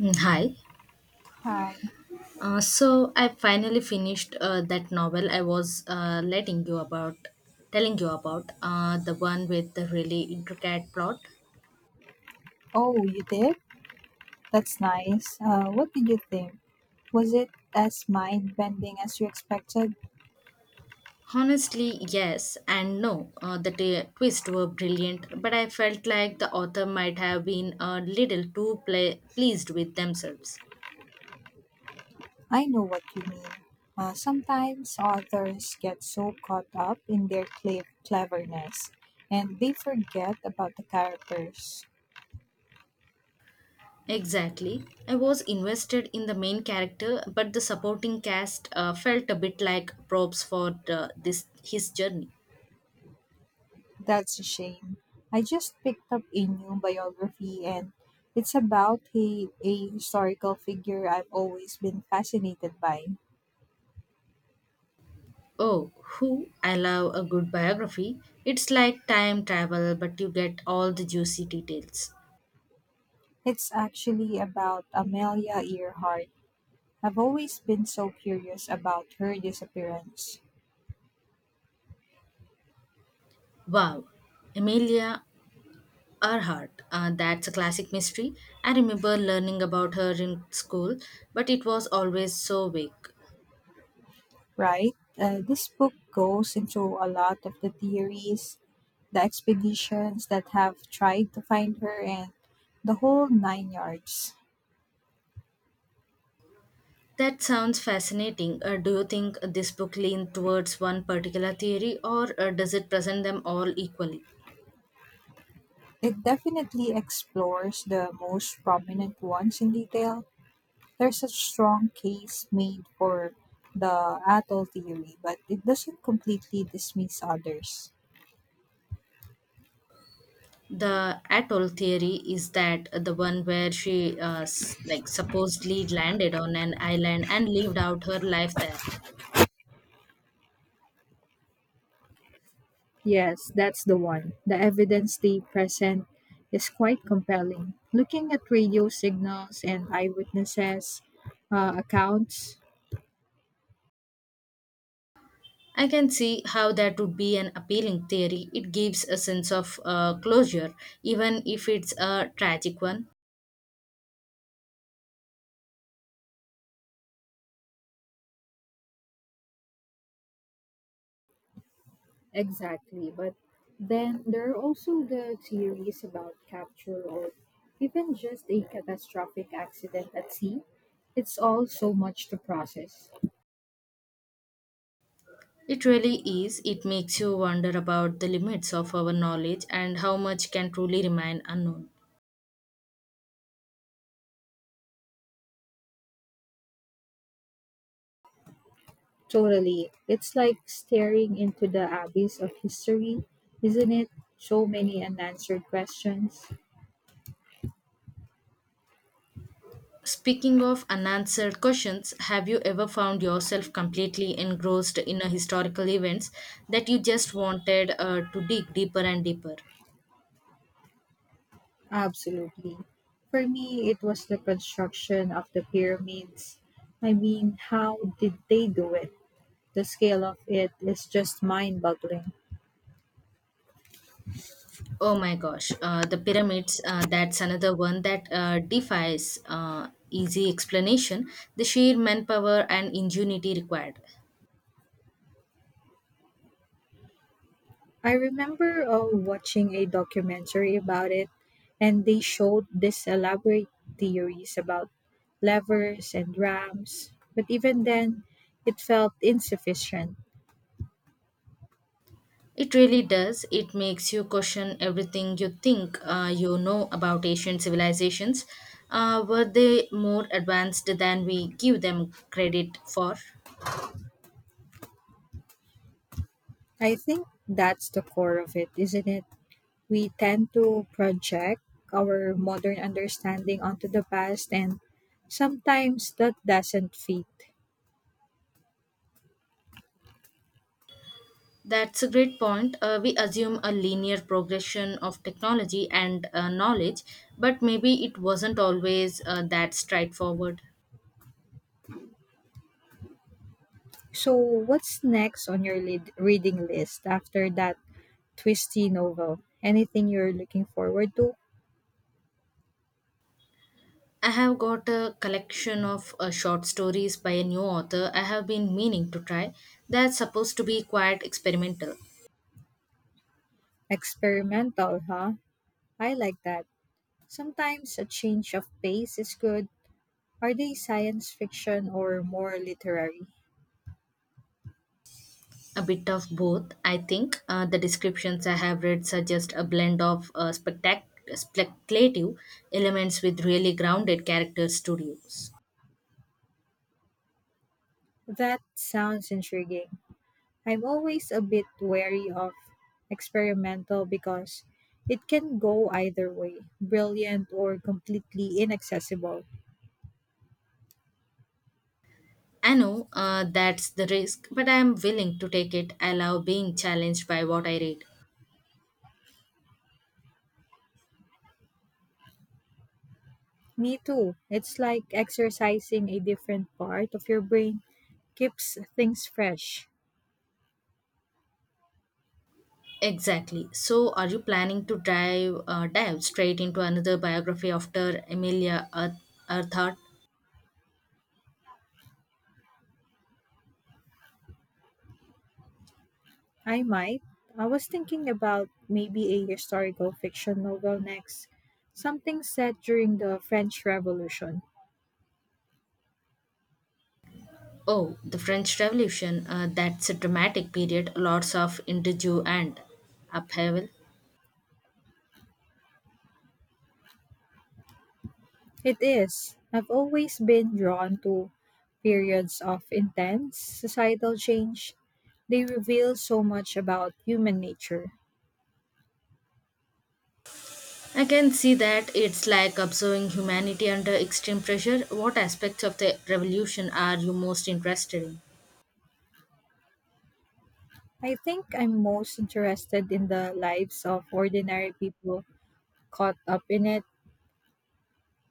Mm, hi. Hi. So I finally finished that novel I was telling you about, the one with the really intricate plot. Oh, you did? That's nice. What did you think? Was it as mind bending as you expected? Honestly, yes and no. The twists were brilliant, but I felt like the author might have been a little too pla pleased with themselves. I know what you mean. Sometimes authors get so caught up in their cleverness and they forget about the characters. Exactly. I was invested in the main character, but the supporting cast felt a bit like props for the, this his journey. That's a shame. I just picked up a new biography, and it's about a historical figure I've always been fascinated by. Oh, who? I love a good biography. It's like time travel, but you get all the juicy details. It's actually about Amelia Earhart. I've always been so curious about her disappearance, Wow, Amelia Earhart. That's a classic mystery. I remember learning about her in school, but it was always so vague. right? This book goes into a lot of the theories, the expeditions that have tried to find her, and the whole nine yards. That sounds fascinating. Do you think this book leans towards one particular theory, or does it present them all equally? It definitely explores the most prominent ones in detail. There's a strong case made for the atoll theory, but it doesn't completely dismiss others. The atoll theory, is that the one where she like supposedly landed on an island and lived out her life there? Yes, that's the one. The evidence they present is quite compelling. Looking at radio signals and eyewitnesses' accounts. I can see how that would be an appealing theory. It gives a sense of closure, even if it's a tragic one. Exactly. But then there are also the theories about capture or even just a catastrophic accident at sea. It's all so much to process. It really is. It makes you wonder about the limits of our knowledge and how much can truly remain unknown. Totally. It's like staring into the abyss of history, isn't it? So many unanswered questions. Speaking of unanswered questions, have you ever found yourself completely engrossed in a historical events that you just wanted to dig deeper and deeper? Absolutely. For me, it was the construction of the pyramids. I mean, how did they do it? The scale of it is just mind boggling. Oh my gosh, the pyramids, that's another one that defies easy explanation, the sheer manpower and ingenuity required. I remember watching a documentary about it, and they showed these elaborate theories about levers and ramps, but even then, it felt insufficient. It really does. It makes you question everything you think you know about ancient civilizations. Were they more advanced than we give them credit for? I think that's the core of it, isn't it? We tend to project our modern understanding onto the past, and sometimes that doesn't fit. That's a great point. We assume a linear progression of technology and knowledge, but maybe it wasn't always that straightforward. So, what's next on your reading list after that twisty novel? Anything you're looking forward to? I have got a collection of short stories by a new author I have been meaning to try. That's supposed to be quite experimental. Experimental, huh? I like that. Sometimes a change of pace is good. Are they science fiction or more literary? A bit of both, I think. The descriptions I have read suggest a blend of speculative elements with really grounded character studios. That sounds intriguing. I'm always a bit wary of experimental, because it can go either way, brilliant or completely inaccessible. I know that's the risk, but I am willing to take it. I love being challenged by what I read. Me too. It's like exercising a different part of your brain, keeps things fresh. Exactly. So, are you planning to dive straight into another biography after Earhart? I might. I was thinking about maybe a historical fiction novel next, something set during the French Revolution. Oh, the French Revolution. That's a dramatic period. Lots of interview and upheaval. It is. I've always been drawn to periods of intense societal change. They reveal so much about human nature. I can see that. It's like observing humanity under extreme pressure. What aspects of the revolution are you most interested in? I think I'm most interested in the lives of ordinary people caught up in it.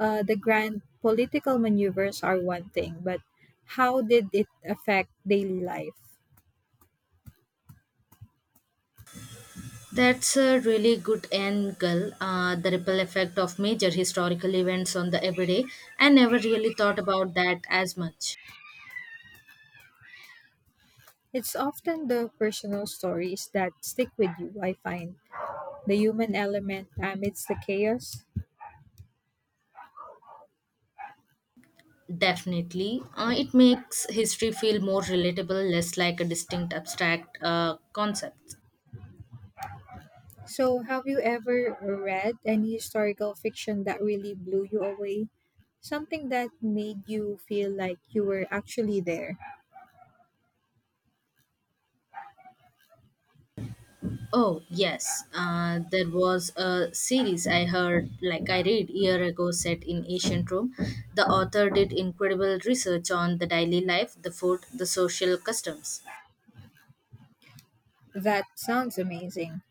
The grand political maneuvers are one thing, but how did it affect daily life? That's a really good angle. The ripple effect of major historical events on the everyday. I never really thought about that as much. It's often the personal stories that stick with you, I find. The human element amidst the chaos. Definitely. It makes history feel more relatable, less like a distinct abstract concept. So, have you ever read any historical fiction that really blew you away? Something that made you feel like you were actually there. Oh, yes. There was a series I heard, like I read year ago, set in ancient Rome. The author did incredible research on the daily life, the food, the social customs. That sounds amazing.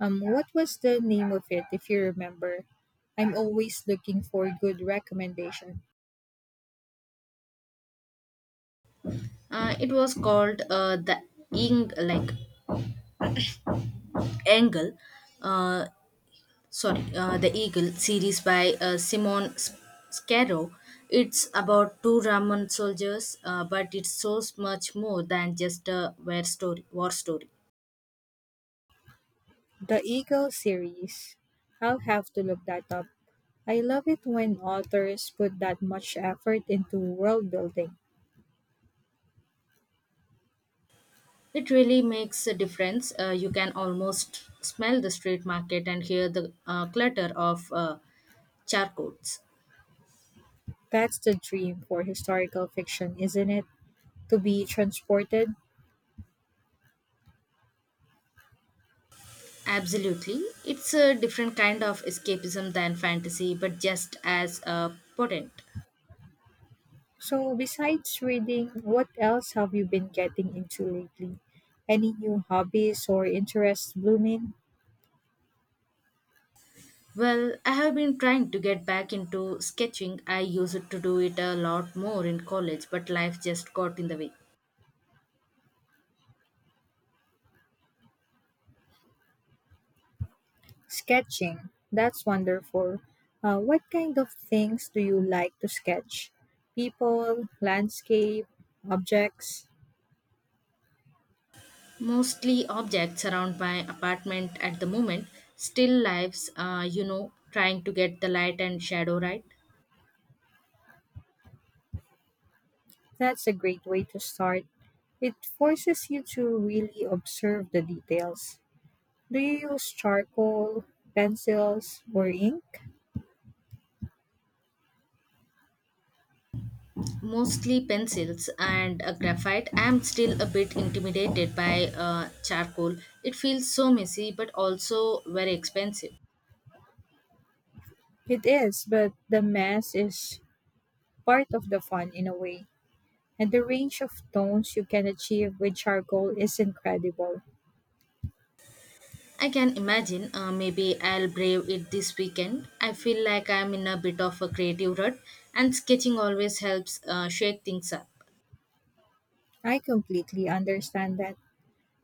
What was the name of it, if you remember? I'm always looking for good recommendation. It was called the Ing, like Angle, uh, sorry, the Eagle series by Simon Scarrow. It's about two Roman soldiers, but it's so much more than just a war story. The Eagle series. I'll have to look that up. I love it when authors put that much effort into world building. It really makes a difference. You can almost smell the street market and hear the clutter of charcoals. That's the dream for historical fiction, isn't it? To be transported. Absolutely. It's a different kind of escapism than fantasy, but just as potent. So, besides reading, what else have you been getting into lately? Any new hobbies or interests blooming? Well, I have been trying to get back into sketching. I used to do it a lot more in college, but life just got in the way. Sketching, that's wonderful. What kind of things do you like to sketch? People, landscape, objects? Mostly objects around my apartment at the moment, still lives, you know, trying to get the light and shadow right. That's a great way to start. It forces you to really observe the details. Do you use charcoal, pencils, or ink? Mostly pencils and a graphite. I'm still a bit intimidated by charcoal. It feels so messy, but also very expensive. It is, but the mess is part of the fun in a way. And the range of tones you can achieve with charcoal is incredible. I can imagine. Maybe I'll brave it this weekend. I feel like I'm in a bit of a creative rut, and sketching always helps shake things up. I completely understand that.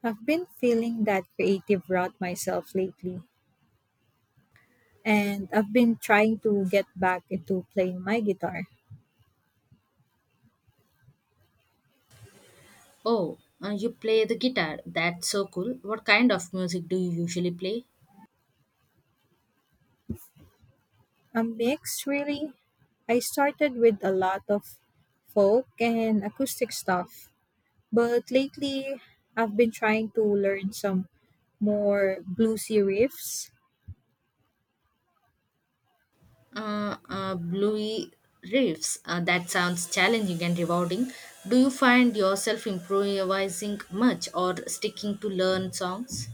I've been feeling that creative rut myself lately, and I've been trying to get back into playing my guitar. Oh, you play the guitar? That's so cool. What kind of music do you usually play? A mix, really. I started with a lot of folk and acoustic stuff, but lately I've been trying to learn some more bluesy riffs. Bluey reefs. That sounds challenging and rewarding. Do you find yourself improvising much or sticking to learn songs?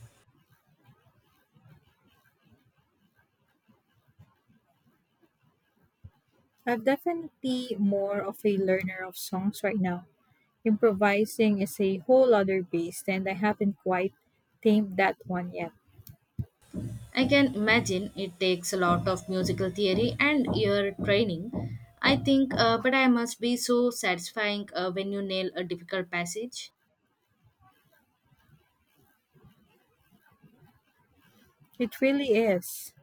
I'm definitely more of a learner of songs right now. Improvising is a whole other beast, and I haven't quite tamed that one yet. I can imagine it takes a lot of musical theory and ear training. I think, but I must be so satisfying when you nail a difficult passage. It really is.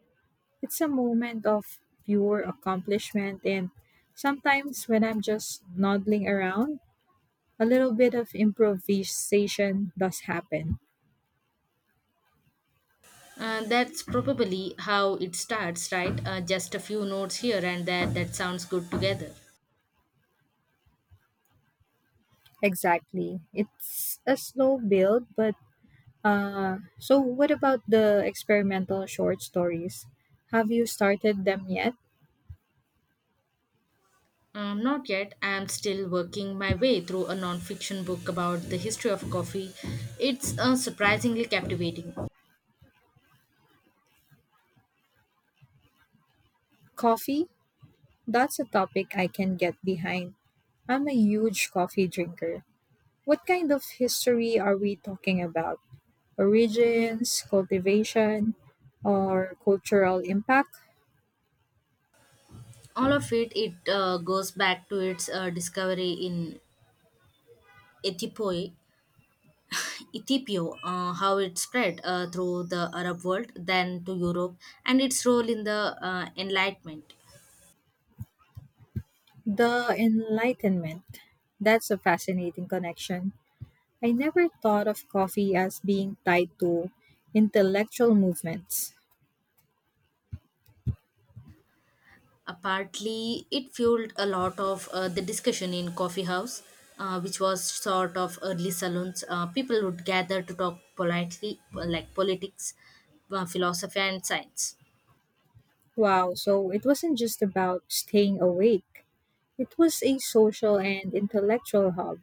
It's a moment of pure accomplishment, and sometimes when I'm just noddling around, a little bit of improvisation does happen. That's probably how it starts, right? Just a few notes here and there that sounds good together. Exactly. It's a slow build, but so what about the experimental short stories? Have you started them yet? Not yet. I'm still working my way through a non-fiction book about the history of coffee. It's surprisingly captivating. Coffee? That's a topic I can get behind. I'm a huge coffee drinker. What kind of history are we talking about? Origins, cultivation, or cultural impact? All of it. It goes back to its discovery in Ethiopia, Ethiopia, how it spread through the Arab world, then to Europe, and its role in the Enlightenment. The Enlightenment. That's a fascinating connection. I never thought of coffee as being tied to intellectual movements. Partly, it fueled a lot of the discussion in coffee house, which was sort of early salons. People would gather to talk politely, like politics, philosophy, and science. Wow, so it wasn't just about staying awake, it was a social and intellectual hub.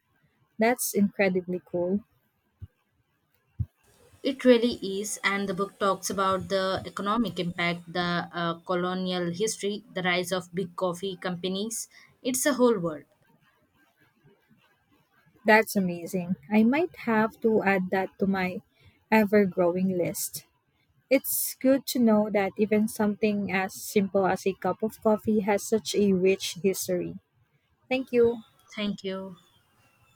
That's incredibly cool. It really is, and the book talks about the economic impact, the colonial history, the rise of big coffee companies. It's a whole world. That's amazing. I might have to add that to my ever growing list. It's good to know that even something as simple as a cup of coffee has such a rich history. Thank you. Thank you.